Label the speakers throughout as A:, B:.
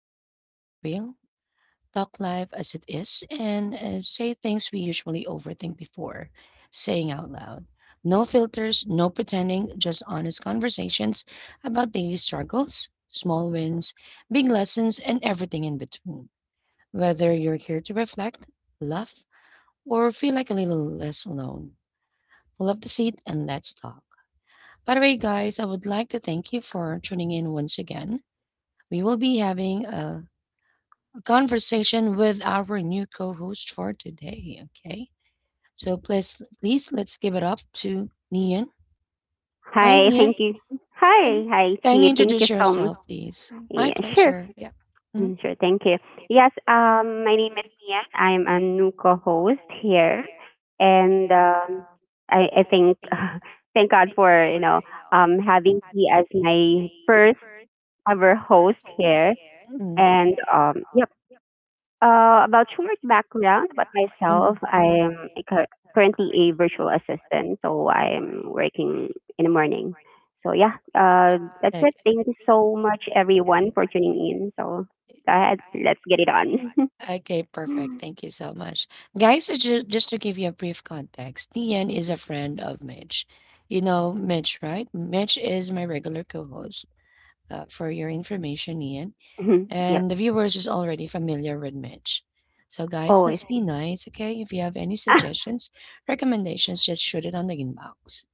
A: where we keep it real, talk live as it is, and say things we usually overthink before saying out loud. No filters, no pretending, just honest conversations about daily struggles, small wins, big lessons, and everything in between. Whether you're here to reflect, laugh, or feel like a little less alone, pull up the seat and let's talk. By the way, guys, I would like to thank you for tuning in once again. We will be having a conversation with our new co-host for today. Okay, so please, please, let's give it up to Nian. Hi,
B: Hi,
A: Nian.
B: thank you.
A: Thank
B: Hi, hi,
A: Can you
B: Chi. Thank you
A: introduce
B: so much.
A: yourself, so much. Please? My
B: Yeah, sure.
A: pleasure. Yeah. Mhm. you
B: Mm, sure, thank you. Yes, my name is Mian. I'm a new co-host here, and I think thank God for having me as my first ever host here,
A: Mhm.
B: and yep. About short background about
A: Mhm.
B: myself, currently a virtual assistant, so I'm working in the morning. So yeah, that's
A: Okay.
B: it. Thank you so much, everyone, for tuning in. So go ahead, let's get it on.
A: Okay, perfect. Thank you so much. Guys, so just to give you a brief context, Tian is a friend of Mitch. You know Mitch, right? Mitch is my regular co host, for your information, Ian.
B: Yep.
A: And the viewers is already familiar with Mitch. So, guys,
B: Oh, I
A: let's be
B: see.
A: nice, okay? If you have any
B: Ah,
A: suggestions, recommendations, just shoot it on the inbox.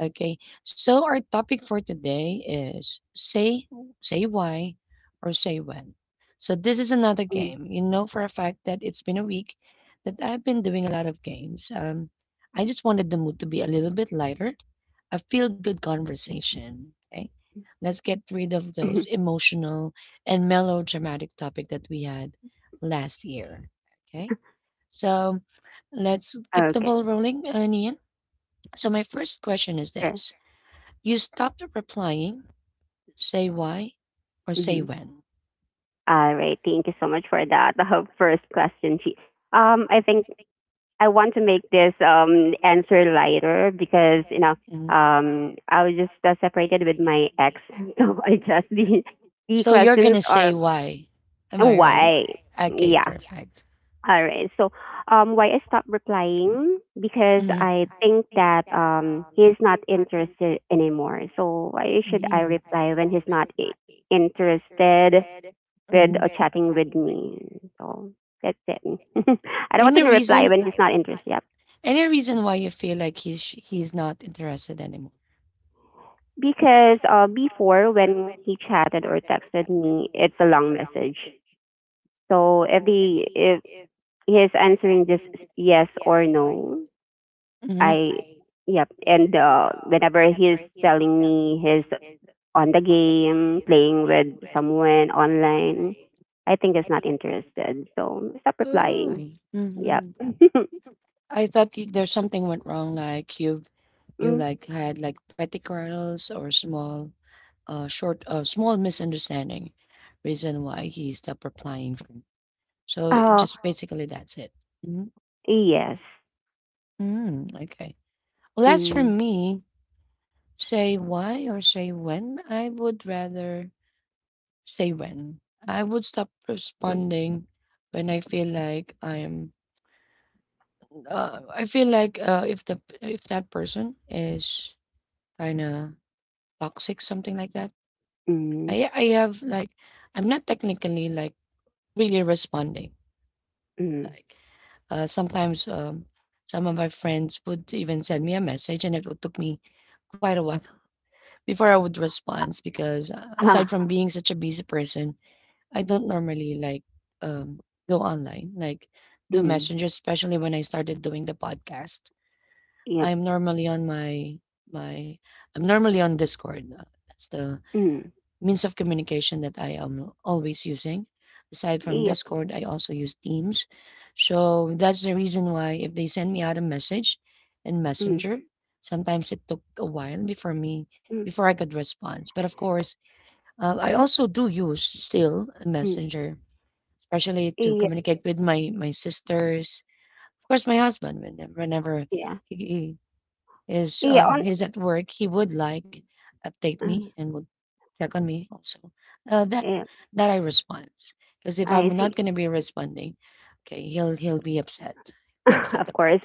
A: Okay. So our topic for today is say why or say when. So this is another
B: mm,
A: game. You know for a fact that it's been a week that I've been doing a lot of games. I just wanted the mood to be a little bit lighter, a feel good conversation. Okay. Let's get rid of
B: mhm.
A: those emotional and melodramatic topic that we had last year. Okay. So let's keep the
B: Okay,
A: ball rolling, Nian. So my first question is
B: sure.
A: this. You stop the replying, say why, or say
B: Mhm.
A: when.
B: All right. Thank you so much for that. The first question, Chi. I think I want to make this answer lighter because
A: Mhm.
B: I was just separated with my ex, so I just the
A: So you're
B: questions
A: gonna say
B: are
A: why. Am I right?
B: why.
A: Okay, yeah,
B: Yeah.
A: perfect.
B: All right. So why I stopped replying? Because
A: Hmm. Mm-hmm.
B: I think that he's not interested anymore. So why should I
A: Hmm.
B: reply when he's not I- interested with or
A: Any
B: chatting with me? So that's it.
A: I
B: I don't want
A: want to
B: to reply
A: reason?
B: when he's not
A: Interested.
B: interested. Yep.
A: Any reason why you feel like he's not interested anymore?
B: Because before, when he chatted or texted me, it's a long message. So if he's answering just yes or no,
A: Hmm.
B: I yep. And whenever he's telling me he's on the game, playing with someone online, I think he's not interested. So stop
A: Oh.
B: replying. Yep.
A: Mm-hmm. I thought there's something went wrong. Like you
B: Mm.
A: like had like petty quarrels or small a short a small misunderstanding reason why he stopped replying for. So it
B: Oh
A: just basically that's it. Mhm.
B: yes.
A: Mm, okay. Well, that's for
B: Mm.
A: me. Say why or say when. I would rather say when. I would stop
B: Mm.
A: responding when I feel like I am. I feel like if the if that person is kind of toxic, something like that.
B: Mm.
A: I have like I'm not technically like really responding.
B: Mm.
A: Like, sometimes some of my friends would even send me a message, and it would took me quite a while before I would respond because aside
B: Ah.
A: from being such a busy person, I don't normally like um, go online, like do
B: Mm.
A: Messenger, especially when I started doing the podcast.
B: Yep.
A: I'm normally on my my I'm normally on Discord. That's the
B: Mm.
A: means of communication that I am always using. Aside from
B: Iya,
A: Discord, I also use Teams. So that's the reason why if they send me out a message in
B: mm,
A: Messenger, sometimes it took a while
B: mm,
A: before I could respond. But of course, I also do use still
B: mm.
A: Messenger, especially to
B: Iya.
A: communicate with my sisters. Of course, my husband whenever
B: Yeah.
A: he,
B: Iya, on
A: he's at work, he would like update
B: uh,
A: me and would check on me also. Uh, that
B: yeah,
A: that I respond because if I'm
B: I see.
A: not gonna be responding, okay, he'll be upset
B: Of
A: about.
B: course.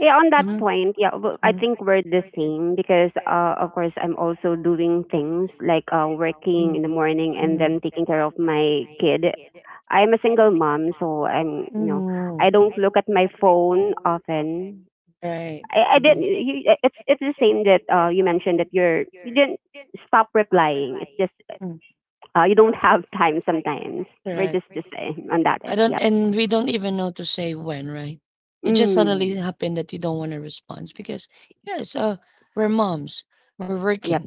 B: Yeah, on that
A: Mm-hmm.
B: point, yeah, well, I
A: Hmm.
B: think we're the same because, of course, I'm also doing things like working
A: Hmm.
B: in the morning and
A: Hmm.
B: then taking care of my kid. I'm a single mom, so I'm, you know,
A: Hmm.
B: I don't look at my phone often.
A: Right.
B: I didn't.
A: It,
B: You, it's the same that you mentioned that you didn't stop replying. It's just you don't have time sometimes. We're
A: correct.
B: just the same on that end.
A: I don't,
B: Yep.
A: and we don't even know to say when, right? It just suddenly
B: Mm.
A: happened that you don't want to respond because, yeah, so we're moms, we're
B: Yep.
A: working,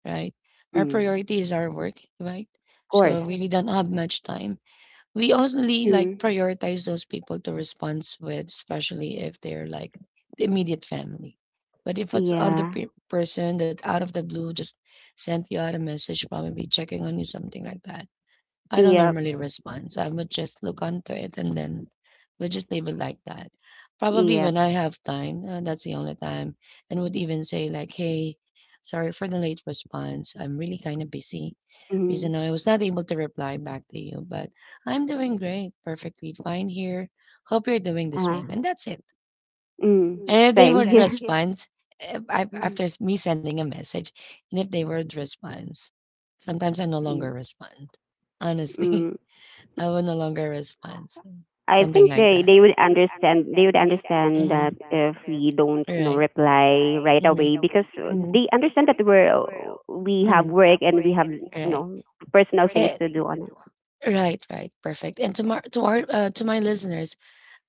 A: right? Our
B: Mm.
A: priority is our work, right?
B: Of course.
A: So we really don't have much time. We only like
B: Mm.
A: prioritize those people to respond with, especially if they're like the immediate family. But if it's other
B: Yeah.
A: person that out of the blue just sent you out a message, probably checking on you, something like that, I don't
B: Yep.
A: normally respond, so I would just look onto it and then we just leave it like that. Probably
B: Yep.
A: when I have time, that's the only time, and would even say like, "Hey, sorry for the late response. I'm really kind of busy.
B: Mm.
A: Reason I was not able to reply back to you, but I'm doing great, perfectly fine here. Hope you're doing the
B: Uh,
A: same." And that's it.
B: mm.
A: And if they
B: Same
A: would
B: here.
A: respond me sending a message, and if they would respond, sometimes I no
B: Mm.
A: longer respond. Honestly.
B: Mm.
A: I will no longer respond. So,
B: I
A: something they
B: think
A: like
B: they,
A: that.
B: they would understand. They would
A: Mm-hmm.
B: understand that if
A: Mhm.
B: we don't
A: Right.
B: reply right
A: Mhm.
B: away, because
A: Mhm.
B: they understand that we're we have
A: Mhm.
B: work and we have
A: Right.
B: know personal things
A: Hey,
B: to do on
A: right, right, perfect. And to my listeners,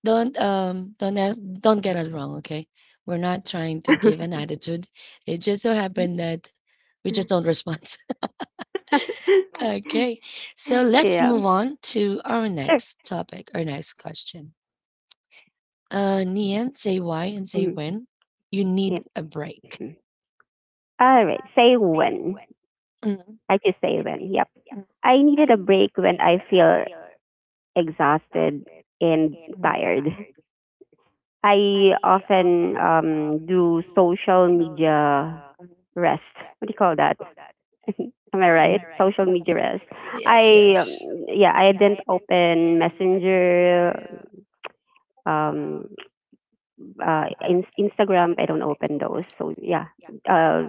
A: don't ask, don't get us wrong, okay? We're not trying to
B: it.
A: give an attitude. It just so happened that we just don't respond. Okay, so let's
B: Yeah.
A: move on to our
B: Sure.
A: next topic, our next question. Nian, say why and say
B: Hmm.
A: when. You
B: Yeah.
A: need a break.
B: All right. Say when.
A: Mhm.
B: I just say when. Yep. I needed a break when I feel exhausted and tired. I often do social media rest. What do you call that? Am I right? Social media rest.
A: Yes,
B: I
A: yes.
B: yeah. I didn't open Messenger, um, Instagram, I don't open those. So yeah, uh,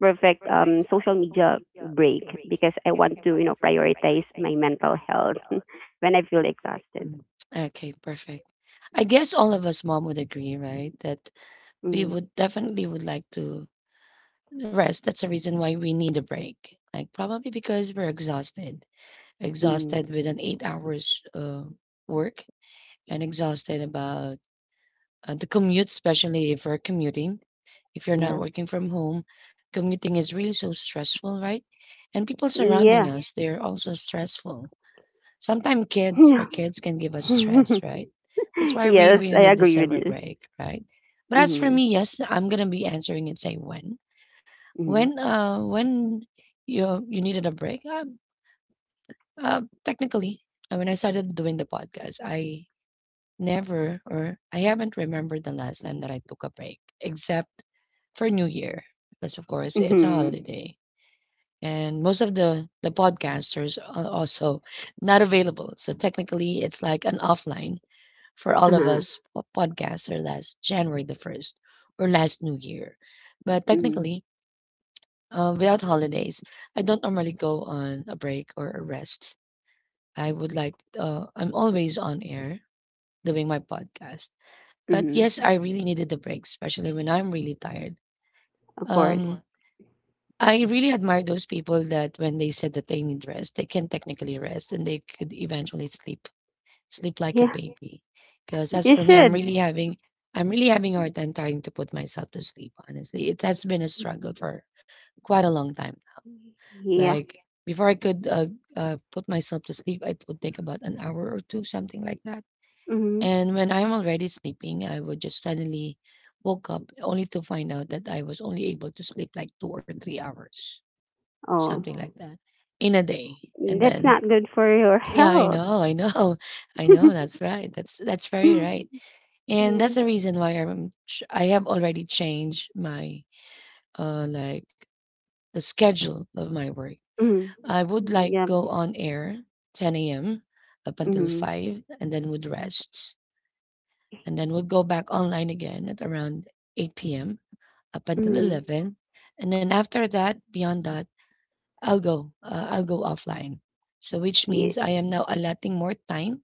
B: perfect social media break, because I want to prioritize my mental health when I feel exhausted.
A: Okay, perfect. I guess all of us mom would agree, right? That we
B: Mm,
A: would definitely would like to rest. That's the reason why we need a break. Like probably because we're
B: mm,
A: exhausted with an 8 hours work, and exhausted about the commute, especially if we're commuting. If you're not
B: yeah,
A: working from home, commuting is really so stressful, right? And people
B: yeah,
A: surrounding us, they're also stressful. Sometimes kids
B: yeah.
A: or kids can give us stress, right? That's why we
B: Yes,
A: really
B: I
A: need the
B: agree with
A: several
B: you.
A: break, right? But as for
B: Mhm,
A: me, yes, I'm gonna be answering and say
B: mhm,
A: When you needed a break, technically when I started doing the podcast, I never or I haven't remembered the last time that I took a break except for new year because of course it's a
B: mhm,
A: holiday and most of the podcasters are also not available. So technically, it's like an offline for all of
B: uh-huh,
A: us podcaster last January the first or last New Year. But
B: mhm,
A: technically, without holidays, I don't normally go on a break or a rest. I would like I'm always on air doing my podcast. But
B: mhm.
A: yes, I really needed the break, especially when I'm really tired.
B: Of course.
A: Um, I really admire those people that when they said that they need rest, they can technically rest and they could eventually sleep, sleep like a
B: Yeah,
A: baby. Because as
B: you
A: for me,
B: should.
A: I'm really having a hard time trying to put myself to sleep. Honestly, it has been a struggle for quite a long time now.
B: Yeah.
A: Like before, I could put myself to sleep, it would take about an hour or two, something like that.
B: Mm-hmm.
A: And when I'm already sleeping, I would just suddenly woke up only to find out that I was only able to sleep like 2 or 3 hours, something
B: Oh,
A: like that in a day. And
B: that's
A: then
B: not good for your
A: yeah,
B: health.
A: I know, I know. That's right. That's very right, and
B: Yeah.
A: that's the reason why I have already changed my uh like the schedule of my work.
B: Mhm.
A: I would like
B: Yep.
A: go on air 10 a.m. up until
B: Mhm.
A: 5, and then would rest, and then would go back online again at around 8 p.m. up until
B: Mhm.
A: 11, and then after that, beyond that, I'll go offline. So which
B: Yeah.
A: means I am now allotting more time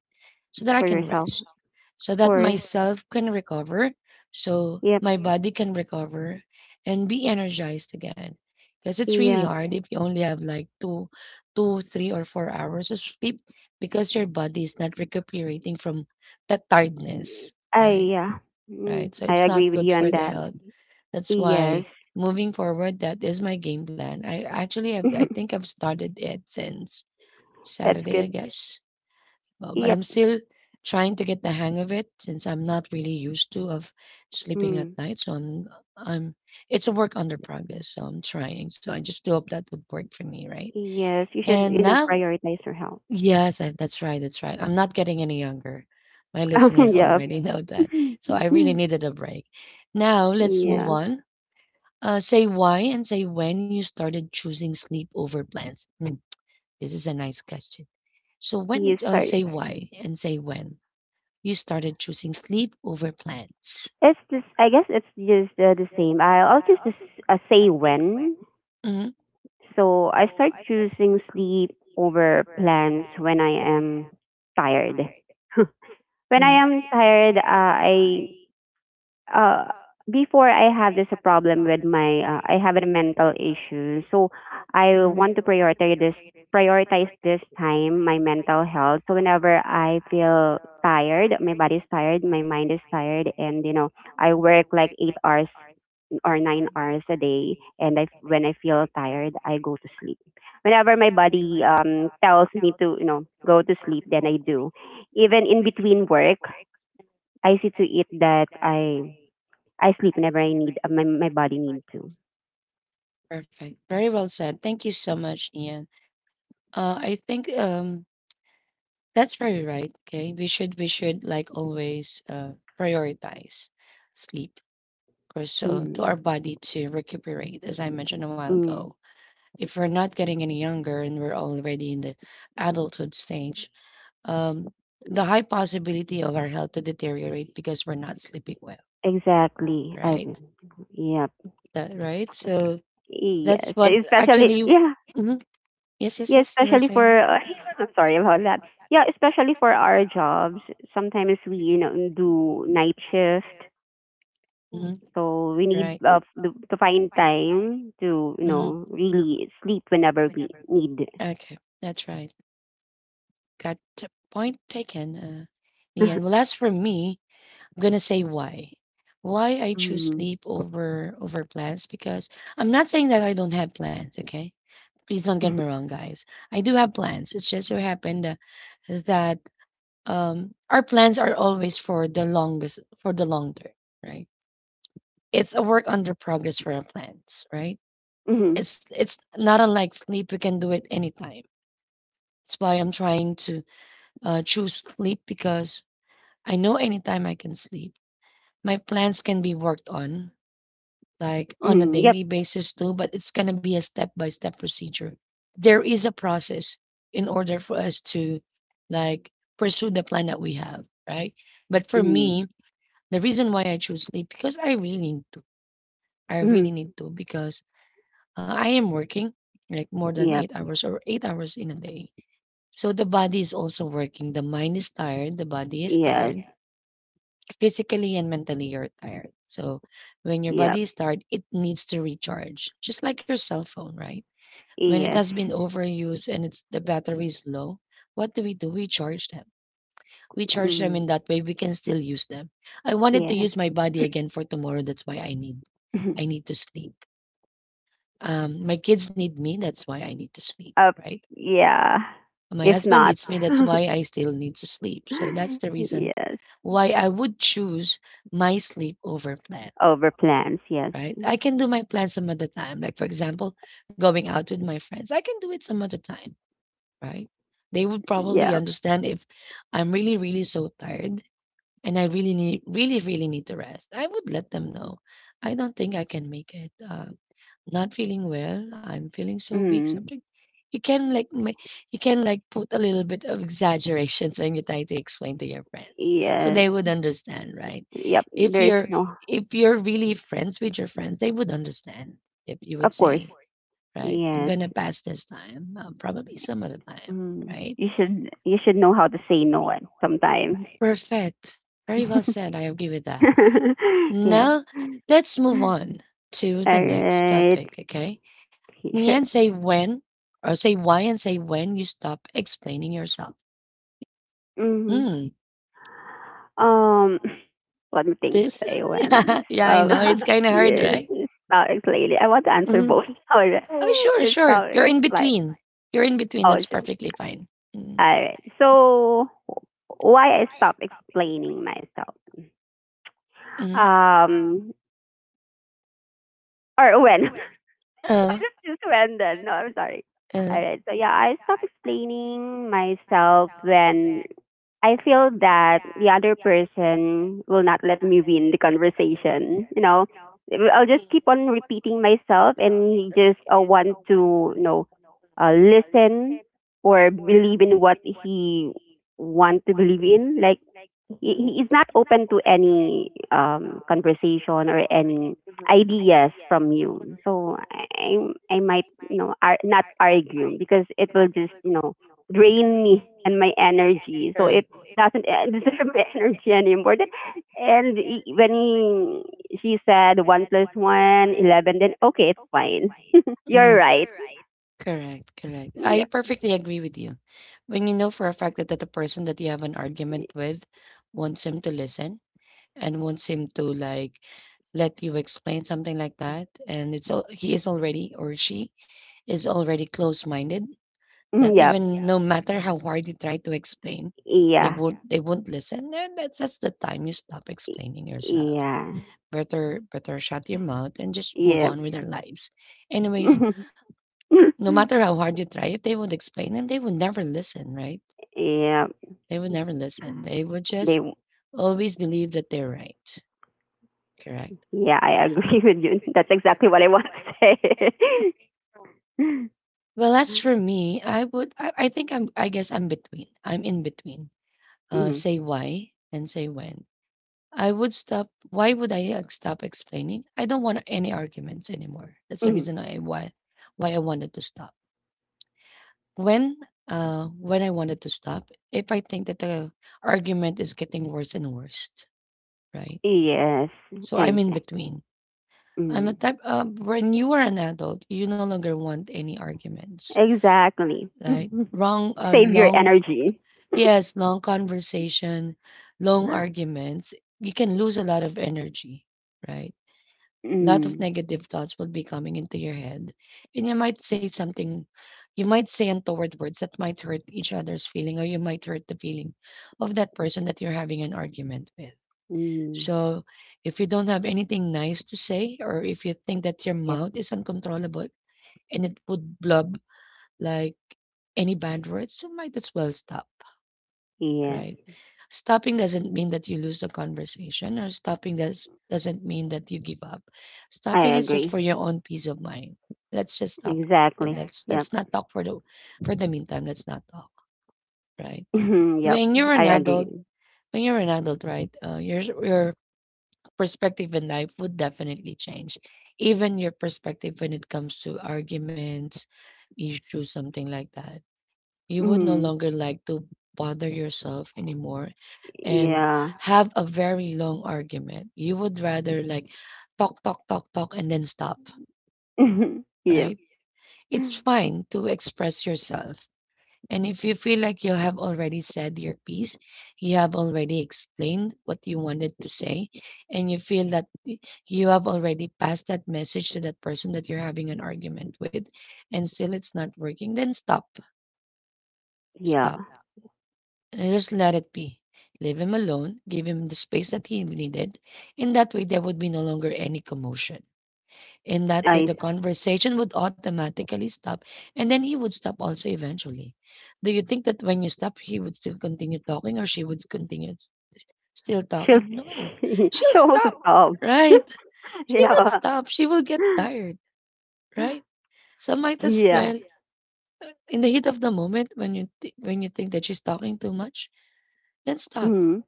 A: so that I
B: For
A: can
B: yourself,
A: rest,
B: of
A: so that
B: course.
A: myself can recover, so
B: Yep.
A: my body can recover and be energized again. Because it's really
B: Yep.
A: hard if you only have like 3 or 4 hours of sleep because your body is not recuperating from that tiredness,
B: I
A: right?
B: yeah. Mm.
A: Right. So
B: I
A: it's
B: agree
A: not
B: with
A: good
B: you
A: for
B: on
A: the
B: that.
A: health. That's
B: Yes.
A: why moving forward, that is my game plan. I actually have, I think I've started it since
B: That's
A: Saturday, I
B: good.
A: guess. But I'm
B: Yep.
A: still trying to get the hang of it since I'm not really used to of sleeping at
B: Mm.
A: night. So I'm it's a work under progress. So I'm trying. So I just do hope that would work for me, right?
B: Yes. You should,
A: And
B: you know,
A: now,
B: prioritize your health.
A: yes, I, that's right, that's right. I'm not getting any younger. My listeners
B: Yep.
A: already know that. So I really needed a break. Now let's move
B: Yeah.
A: on. Say why and say when you started choosing sleep over plans. Hmm, this is a nice question. So when
B: You
A: did
B: start.
A: say why and say when? You started choosing sleep over plans.
B: It's just. I guess it's just the same. I'll just say when.
A: Mm-hmm,
B: So I start choosing sleep over plans when I am tired. When I am tired, I uh, before, I have this problem with my I have a mental issue, so I
A: mm-hmm,
B: want to prioritize this time my mental health. So whenever I feel tired, my body's tired, my mind is tired, and you know I work like 8 hours or 9 hours a day. And I, when I feel tired, I go to sleep. Whenever my body tells me to, you know, go to sleep, then I do. Even in between work, I see to it that I sleep whenever I need my body need to.
A: perfect. Very well said. Thank you so much, Ian. I think that's very right. Okay, we should like always prioritize sleep, or so to our
B: Mm.
A: body to recuperate, as I mentioned a while
B: Mm.
A: ago. If we're not getting any younger and we're already in the adulthood stage, um, the
B: Yeah.
A: high possibility of our health to deteriorate because we're not sleeping well,
B: Exactly. I,
A: right?
B: yep.
A: That right? So That's
B: Yes.
A: what
B: Especially
A: actually.
B: yeah.
A: Mhm. Yes, yes,
B: Yeah,
A: yes, you were
B: especially for
A: saying.
B: I'm sorry about that. Yeah, especially for our jobs. Sometimes we, you know, do night shift. Mm.
A: hmm
B: So we need
A: Right.
B: to find time to, you
A: hmm
B: know, really sleep whenever we need.
A: Okay, that's right. Point taken. Ian, well, as for me, I'm gonna say why. Why I choose
B: Mm.
A: sleep over plans. Because I'm not saying that I don't have plans. Okay, please don't get me wrong, guys. I do have plans. It's just so happened that our plans are always for the long term, right? It's a work under progress for our plans, right?
B: Mm-hmm.
A: It's not unlike sleep. You can do it anytime. That's why I'm trying to choose sleep, because I know anytime I can sleep. My plans can be worked on like on a
B: Mm-hmm. Yep.
A: daily basis too, but it's gonna be a step by step procedure. There is a process in order for us to like pursue the plan that we have, right? But for
B: Mm-hmm.
A: me, the reason why I choose sleep because I really need to. I
B: Mm-hmm.
A: really need to because I am working like more than eight
B: Yep.
A: hours or 8 hours in a day. So the body is also working. The mind is tired, the body is
B: Yes.
A: tired. Yeah. Physically and mentally, you're tired. So when your body
B: Yep.
A: is tired, it needs to recharge, just like your cell phone, right? When it
B: Yes.
A: has been overused and it's the battery is low, what do? We charge them. We charge them,
B: Mm.
A: in that way we can still use them. I wanted to
B: Yes.
A: use my body again for tomorrow. That's why I need to sleep. My kids need me. That's why I need to sleep,
B: uh,
A: right?
B: yeah.
A: My
B: If
A: husband
B: not,
A: needs me. That's why I still need to sleep. So that's the reason
B: yes.
A: why I would choose my sleep over plan,
B: Over plans. Yes.
A: right? I can do my plan some other time. Like, for example, going out with my friends, I can do it some other time, right? They would probably
B: Yeah.
A: understand if I'm really, really so tired and I really need, really, really need to rest. I would let them know. I don't think I can make it. Not feeling well. I'm feeling so weak.
B: Mm.
A: Something you can like you can like put a little bit of exaggerations when you try to explain to your friends, so
B: Yes.
A: they would understand, right?
B: Yep.
A: If
B: There is
A: you're
B: no.
A: if you're really friends with your friends, they would understand if you would
B: Of course.
A: say, right? I'm
B: Yes.
A: gonna pass this time. Probably some other time,
B: Mm,
A: right?
B: you should, you should know how to say no at sometimes.
A: Perfect. Very well said. I agree with that.
B: Yeah.
A: Now, let's move on to the
B: All
A: next
B: right.
A: topic, okay? In the end,
B: Sure.
A: say when or say why and say when you stop explaining yourself.
B: Hmm.
A: Mm,
B: Um, one more thing to
A: this,
B: say when
A: yeah, I know. It's kind of hard,
B: yeah,
A: right?
B: stocks lately. I want to answer
A: Mhm.
B: both. All right.
A: Oh, sure,
B: It's
A: sure. You're
B: stocks
A: in
B: like.
A: between. You're in between.
B: Oh
A: That's
B: sure.
A: perfectly fine.
B: All
A: Mm,
B: right. So why I stop explaining myself?
A: mhm.
B: Um, or when? I
A: Uh,
B: just choose random. No, I'm sorry.
A: uh.
B: All right. So yeah, I stop explaining myself when I feel that the other person will not let me win the conversation. You know, I'll just keep on repeating myself, and he just want to you know listen or believe in what he want to believe in. Like he is not open to any conversation or any ideas from you. So I might you know not argue, because it will just you know drain me and my energy. So it
A: Correct.
B: doesn't deserve my energy anymore. Then when he, she said one plus one eleven, then okay, it's fine. You're
A: Mhm.
B: right.
A: Correct, correct. I
B: Yep.
A: perfectly agree with you. When you know for a fact that, the person that you have an argument with wants him to listen and wants him to like let you explain something like that, and he is already, or she is already close-minded,
B: Mm.
A: that
B: Yep.
A: even yeah no matter how hard you try to explain, they, yeah,
B: Yeah.
A: won't they won't listen, and that's the time you stop explaining yourself.
B: Yeah.
A: Better, better shut your mouth and just move
B: Yep.
A: on with their lives anyways. No matter how hard you try, if they would explain and they would never listen, right,
B: Yep.
A: they would never listen, they would just
B: They.
A: always believe that they're right. Correct.
B: Yeah, I agree with you. That's exactly what I want to say.
A: Well, as for me, I would I think I'm I guess I'm between. I'm in between. Uh,
B: Mhm,
A: say why and say when. I would stop, why would I stop explaining? I don't want any arguments anymore. That's the
B: mhm.
A: reason I why I wanted to stop. When when I wanted to stop, if I think that the argument is getting worse and worse, right?
B: Yes,
A: So I'm in
B: exact.
A: between. I'm a
B: Mm,
A: type when you are an adult, you no longer want any arguments,
B: exactly.
A: right? Wrong
B: Save your
A: long
B: energy.
A: Yes, long conversation, long arguments. You can lose a lot of energy, right? A lot of
B: Mm,
A: negative thoughts will be coming into your head. And you might say something, you might say untoward words that might hurt each other's feeling, or you might hurt the feeling of that person that you're having an argument with.
B: mm,
A: So if you don't have anything nice to say, or if you think that your
B: yep.
A: mouth is uncontrollable and it would blub like any bad words, you might as well stop,
B: Yes,
A: right? Stopping doesn't mean that you lose the conversation, or stopping doesn't mean that you give up.
B: I
A: Stopping is just
B: agree.
A: for your own peace of mind. Let's just stop it, and
B: Exactly.
A: let's
B: Yep.
A: not talk for the meantime. Let's not talk, right?
B: Yep.
A: When you're
B: I
A: an
B: agree.
A: adult, when you're an adult, right, your perspective in life would definitely change. Even your perspective when it comes to arguments, issues, something like that, you would no
B: Mm,
A: longer like to bother yourself anymore and
B: yeah.
A: have a very long argument. You would rather like talk, talk, talk, talk, and then stop,
B: Yeah.
A: right? It's fine to express yourself. And if you feel like you have already said your piece, you have already explained what you wanted to say, and you feel that you have already passed that message to that person that you're having an argument with, and still it's not working, then stop.
B: Yeah.
A: Stop. And I just let it be. Leave him alone, give him the space that he needed. In that way, there would be no longer any commotion. In that way,
B: I
A: the conversation would automatically stop, and then he would stop also eventually. Do you think that when you stop, he would still continue talking, or she would continue still
B: she'll
A: talking? No, she'll
B: she'll also
A: stop,
B: stop.
A: right? She would
B: Yeah.
A: stop. She will get tired, right? So might as
B: Yeah.
A: well, in the heat of the moment, when you when you think that she's talking too much, then stop.
B: Mm.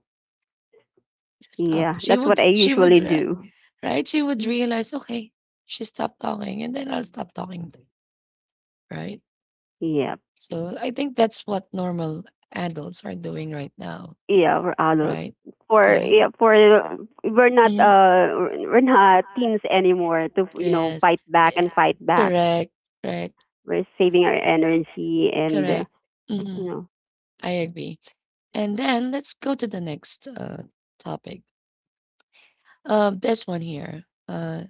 A: Stop.
B: Yeah, that's what I
A: She would
B: usually
A: Right.
B: do.
A: Right? She would realize, "Okay, she stopped talking, and then I'll stop talking too," right?
B: Yeah,
A: So I think that's what normal adults are doing right now,
B: yeah, we're adults.
A: right? Oh,
B: For
A: right?
B: yeah, for
A: Mhm.
B: we're not teens anymore to you know
A: Yes.
B: fight back
A: Eh,
B: and fight back.
A: Correct. Correct.
B: We're saving our energy and
A: Correct.
B: you
A: hmm
B: know.
A: I agree. And then let's go to the next topic. This one here.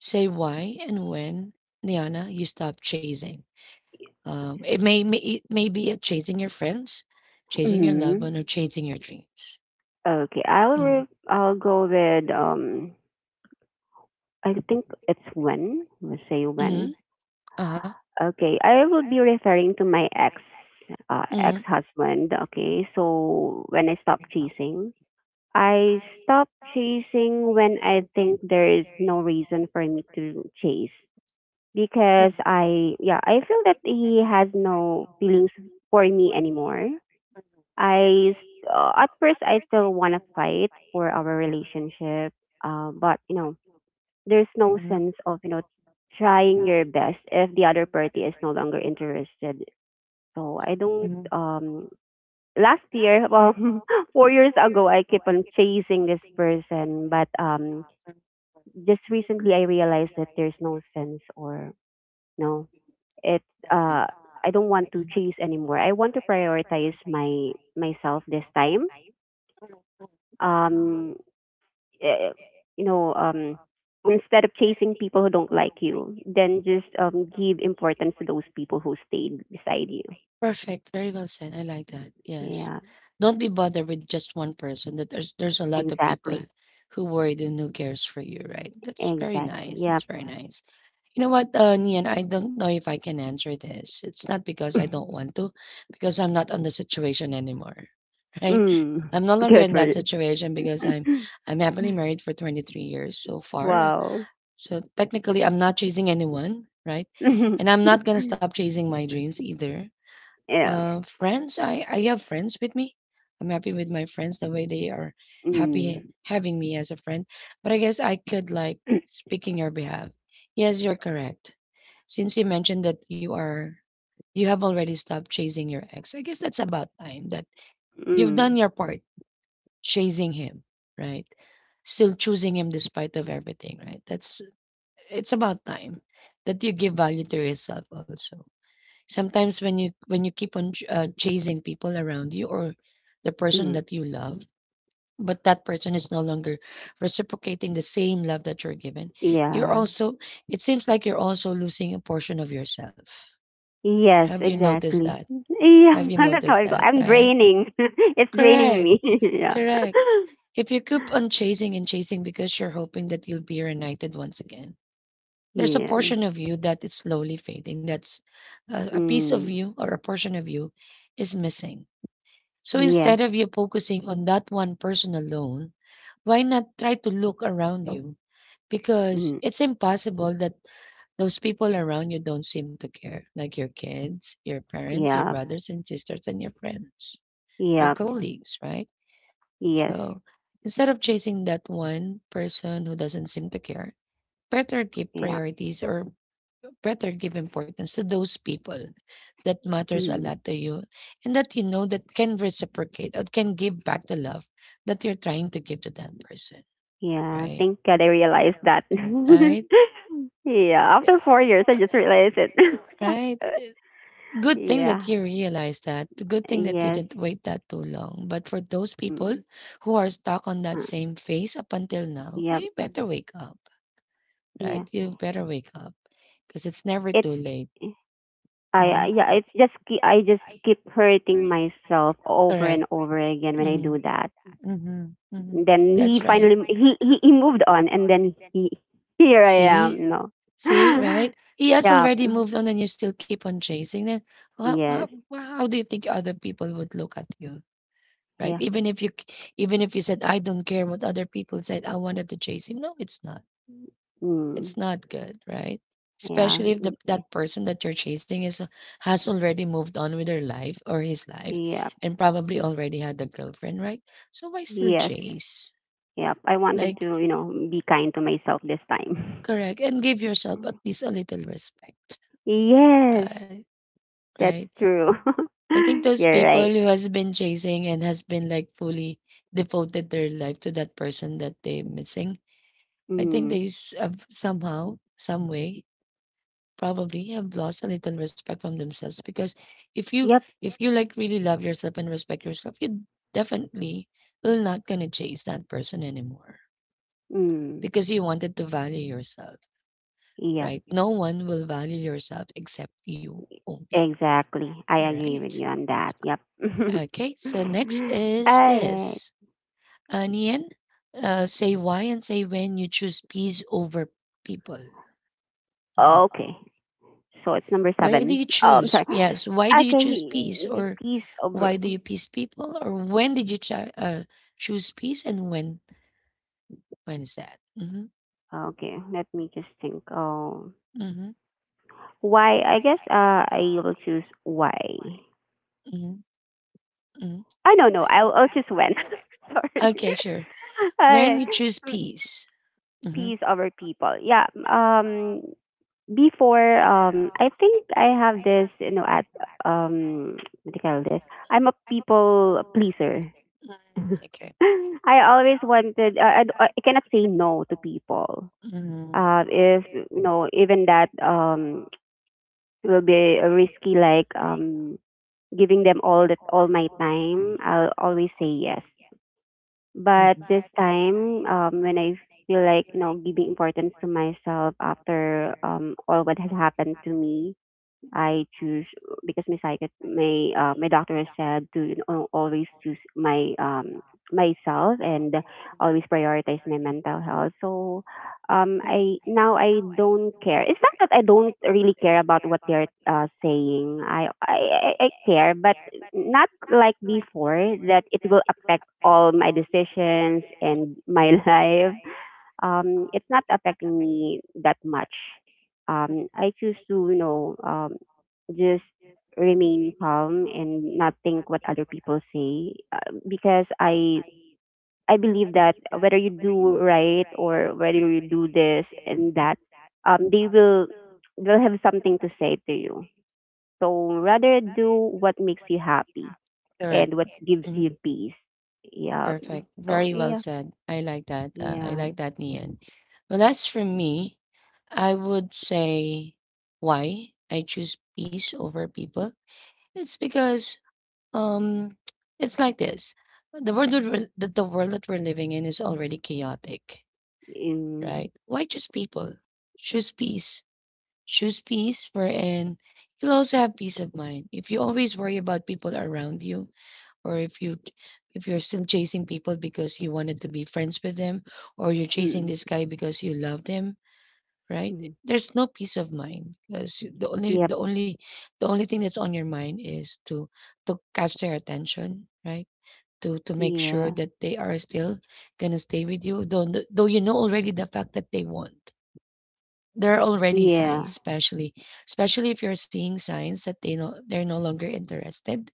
A: Say why and when, Niana, you stop chasing. It may be at chasing your friends, chasing your loved
B: Hmm.
A: one, or chasing your dreams.
B: Okay,
A: Mm,
B: I'll go with I think it's when we say
A: mm,
B: when.
A: uh-huh.
B: Okay, I will be referring to my ex, ex
A: Mm,
B: husband. Okay, so when I stopped chasing, I stop chasing when I think there is no reason for me to chase because I yeah, I feel that he has no feelings for me anymore. At first I still want to fight for our relationship, but you know, there's no sense of, you know, trying your best if the other party is no longer interested. So I don't
A: mm,
B: last year, well, 4 years ago, I keep on chasing this person, but just recently I realized that there's no sense or no, it
A: okay. Mm.
B: uh, I don't want to chase anymore. I want to prioritize my myself this time. Um, eh, you know, instead of chasing people who don't like you, then just give importance to those people who stayed beside you.
A: Perfect. Very well said. I like that. Yes.
B: Yeah,
A: Don't be bothered with just one person. That There's a lot of people
B: exactly,
A: who worried and who cares for you, right? That's very
B: exactly.
A: nice.
B: Yeah.
A: That's very nice. You know what, Nian, I don't know if I can answer this. It's not because I don't want to, because I'm not on the situation anymore, right?
B: Mm,
A: I'm no longer
B: good
A: in
B: for
A: that
B: you.
A: situation because I'm happily married for 23 years so far.
B: Wow.
A: So technically, I'm not chasing anyone, right? And I'm not gonna stop chasing my dreams either.
B: Yeah.
A: Friends, I have friends with me. I'm happy with my friends the way they are, happy
B: Mm.
A: having me as a friend. But I guess I could like speak in your behalf. Yes, you're correct. Since you mentioned that you have already stopped chasing your ex, I guess that's about time that you've
B: Mm.
A: done your part chasing him, right? Still choosing him despite of everything, right? That's it's about time that you give value to yourself also. Sometimes when you keep on chasing people around you or the person
B: Mm.
A: that you love, but that person is no longer reciprocating the same love that you're given, you're
B: Yeah.
A: also it seems like you're also losing a portion of yourself.
B: Yes,
A: Have you, yes, noticed
B: exactly.
A: that? Have
B: Yeah,
A: you Yes.
B: I'm not how
A: noticed
B: I
A: No,
B: go.
A: that,
B: I'm
A: right? right.
B: draining. It's draining
A: Correct.
B: me. Yeah.
A: Correct. If you keep on chasing and chasing because you're hoping that you'll be reunited once again, there's a
B: Yeah.
A: portion of you that is slowly fading. That's a piece of
B: Mm.
A: you or a portion of you is missing. So
B: Yes.
A: instead of you focusing on that one person alone, why not try to look around you? Because
B: Mm.
A: it's impossible that those people around you don't seem to care, like your kids, your parents, your
B: Yeah.
A: brothers and sisters, and your friends, your
B: Yeah.
A: colleagues, right?
B: Yes.
A: So instead of chasing that one person who doesn't seem to care, better keep
B: Yeah.
A: priorities, or better give importance to those people that matters a
B: Mm.
A: lot to you, and that you know that can reciprocate or can give back the love that you're trying to give to that person,
B: Yeah.
A: right?
B: Thank God I realized that.
A: Right?
B: Yeah. After 4 years, I just realized it.
A: Right. Good thing that
B: Yeah.
A: you realized that. Good thing that you
B: Yes.
A: didn't wait that too long. But for those people
B: Mm.
A: who are stuck on
B: Uh,
A: that same phase up until now,
B: yep.
A: you better wake up.
B: Yeah.
A: Right? You better wake up because it's never
B: It's
A: too late.
B: I
A: Mm-hmm.
B: yeah, it's just I just keep hurting myself over
A: Correct.
B: and over again when
A: Over
B: I do
A: Mhm.
B: that.
A: Mhm. Mhm.
B: And then he
A: That's right.
B: finally he moved on, and then he here
A: it
B: I am,
A: See?
B: you know.
A: See, right? He has
B: Yeah.
A: already moved on and you still keep on chasing them. How, how,
B: Yes.
A: how do you think other people would look at you? Right?
B: Yeah.
A: Even if you said, I don't care what other people said, I wanted to chase him. No, it's not. It's
B: Mm.
A: not good, right?
B: Yeah.
A: Especially if
B: Y-
A: that person that you're chasing is has already moved on with their life or his life
B: yeah.
A: and probably already had a girlfriend, right? So why still
B: Yes.
A: chase?
B: Yep. I wanted to,
A: Like,
B: you know, be kind to myself this time.
A: correct. And give yourself at least a little respect,
B: Yes.
A: right?
B: That's
A: Right.
B: true.
A: I think those
B: You're
A: people
B: right.
A: who has been chasing and has been like fully devoted their life to that person that they're missing, I think
B: Mm.
A: have somehow, some way probably have lost a little respect from themselves because if you
B: Yep.
A: if you like really love yourself and respect yourself, you definitely will not gonna chase that person anymore
B: Mm.
A: because you wanted to value yourself,
B: Yeah.
A: right? No one will value yourself except you only,
B: Exactly. I agree with
A: right?
B: you on that. Yep.
A: Okay, so next is
B: All right.
A: this, Nian, say why and say when you choose peace over people. Mhm.
B: Okay. So it's number
A: Why do you
B: seven. Oh, I'm
A: choose,
B: sorry.
A: why do you choose peace
B: Okay.
A: or,
B: Please
A: why
B: over.
A: do you peace people, or when did you chi- choose peace, and when is that?
B: Okay. Let me just think. Oh,
A: Hmm
B: why? I guess I will choose why.
A: hmm hmm
B: I don't know. I'll choose when. Sorry.
A: Okay, sure.
B: All
A: When
B: right.
A: you choose
B: Mm,
A: peace. hmm
B: peace over people. Yeah. Before I think I have this you know at what do you call this, I'm a people pleaser.
A: Okay.
B: I always wanted cannot say no to people.
A: hmm
B: If you know even that will be risky, like giving them all that, all my time, I'll always say yes. But
A: hmm
B: this time when I feel like you know giving importance to myself after all what has happened to me, I choose, because my psychic, my my doctor has said to you know, always choose my myself and always prioritize my mental health. So I now I don't care. It's not that I don't really care about what they're saying. I care, but not like before, that it will affect all my decisions and my life. It's not affecting me that much. I choose to, you know, just remain calm and not think what other people say, because I believe that whether you do right or whether you do this and that, they will they'll have something to say to you. So rather do what makes you happy
A: Correct.
B: and what gives you
A: hmm
B: peace. Yeah,
A: Perfect.
B: so
A: Very well
B: yeah.
A: said. I like that. I
B: Yeah
A: like that, Nian. Well, as for me, I would say why I choose peace over people. It's because Um, it's like this. The world that we're, that the world that we're living in is already chaotic,
B: in
A: right? Why choose people? Choose peace. Choose peace wherein you'll also have peace of mind. If you always worry about people around you, or if you're still chasing people because you wanted to be friends with them, or you're chasing
B: mm,
A: this guy because you loved him, right?
B: mm,
A: There's no peace of mind because
B: yep,
A: the only thing that's on your mind is to catch their attention, right? To make sure
B: yeah,
A: that they are still gonna stay with you, though you know already the fact that they won't, there are already signs,
B: yeah,
A: especially if you're seeing signs that they know they're no longer interested,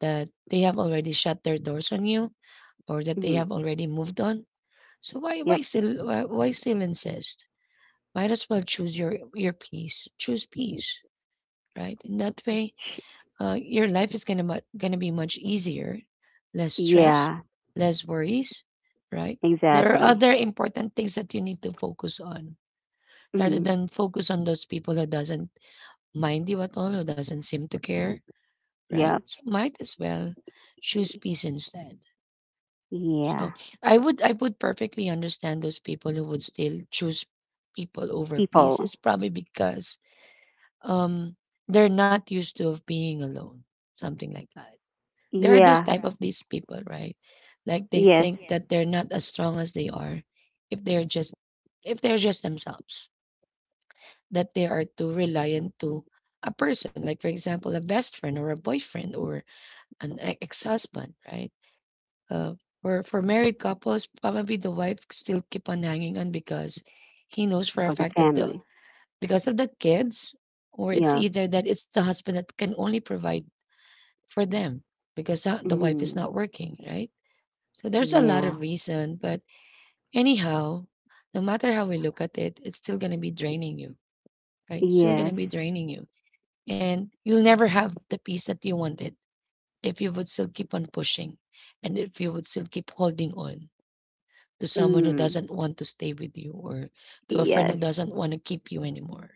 A: that they have already shut their doors on you, or that they
B: mm,
A: have already moved on. So why why
B: yep,
A: still why, why still insist? Might as well choose your peace, choose peace, right? In that way,
B: sh-
A: your life is gonna gonna be much easier, less stress,
B: yeah,
A: less worries, right? There are
B: exactly.
A: other important things that you need to focus on rather
B: Mhm.
A: than focus on those people who doesn't mind you at all, who doesn't seem to care, right?
B: Yep.
A: So might as well choose peace instead. So
B: Yeah.
A: I would, perfectly understand those people who would still choose people over peace.
B: People.
A: It's probably because um they're not used to of being alone, something like that. There are those
B: Yeah.
A: type of these people, right? Like they
B: Yes.
A: think that they're not as strong as they are if they're just if they're just themselves, that they are too reliant to a person, like for example a best friend or a boyfriend or an ex-husband, right? uh, for married couples, probably the wife still keep on hanging on because he knows for a
B: For the
A: fact that the
B: family.
A: because of the kids, or it's
B: Yep.
A: either that it's the husband that can only provide for them because the wife is
B: Mm.
A: not working, right? So there's a lot
B: Yeah.
A: of reason, but anyhow, no matter how we look at it, it's still gonna be draining you, right? It's still
B: Yes.
A: gonna be draining you. And you'll never have the peace that you wanted if you would still keep on pushing and if you would still keep holding on to someone who
B: Mm.
A: doesn't want to stay with you or to a friend
B: Yes.
A: who doesn't want to keep you anymore.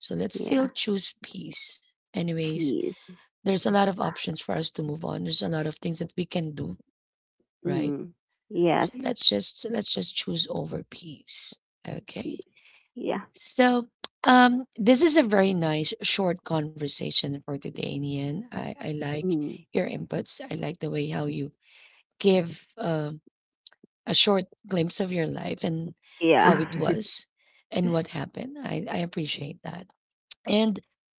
A: So let's still
B: Yeah.
A: choose peace. Anyways,
B: Peace.
A: there's a lot of options for us to move on. There's a lot of things that we can do, right?
B: Mm. Yes.
A: So let's just choose over peace. Okay.
B: Peace. Yeah.
A: So this is a very nice short conversation for today, Nian. I like
B: Mm.
A: your inputs. I like the way how you give a short glimpse of your life and how it
B: Yeah.
A: was and what happened. I appreciate that. And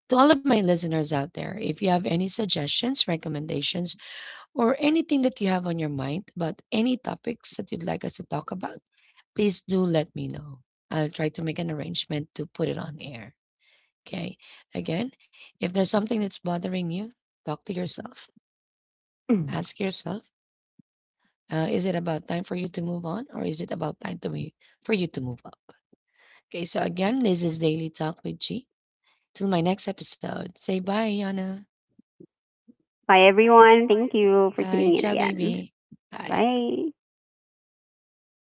A: to all of my listeners out there, if you have any suggestions, recommendations, or anything that you have on your mind about any topics that you'd like us to talk about, please do let me know. I'll try to make an arrangement to put it on air. Okay. Again, if there's something that's bothering you, talk to yourself.
B: Bye,
A: Ask yourself, is it about time for you to move on or is it about time to me for you to move up? Okay. So again, this is Daily Talk with G. Till my next episode. Say bye, Yana.
B: everyone. Thank you for
A: Bye.
B: tuning in
A: Ciao,
B: again.
A: baby. Bye.
B: Bye.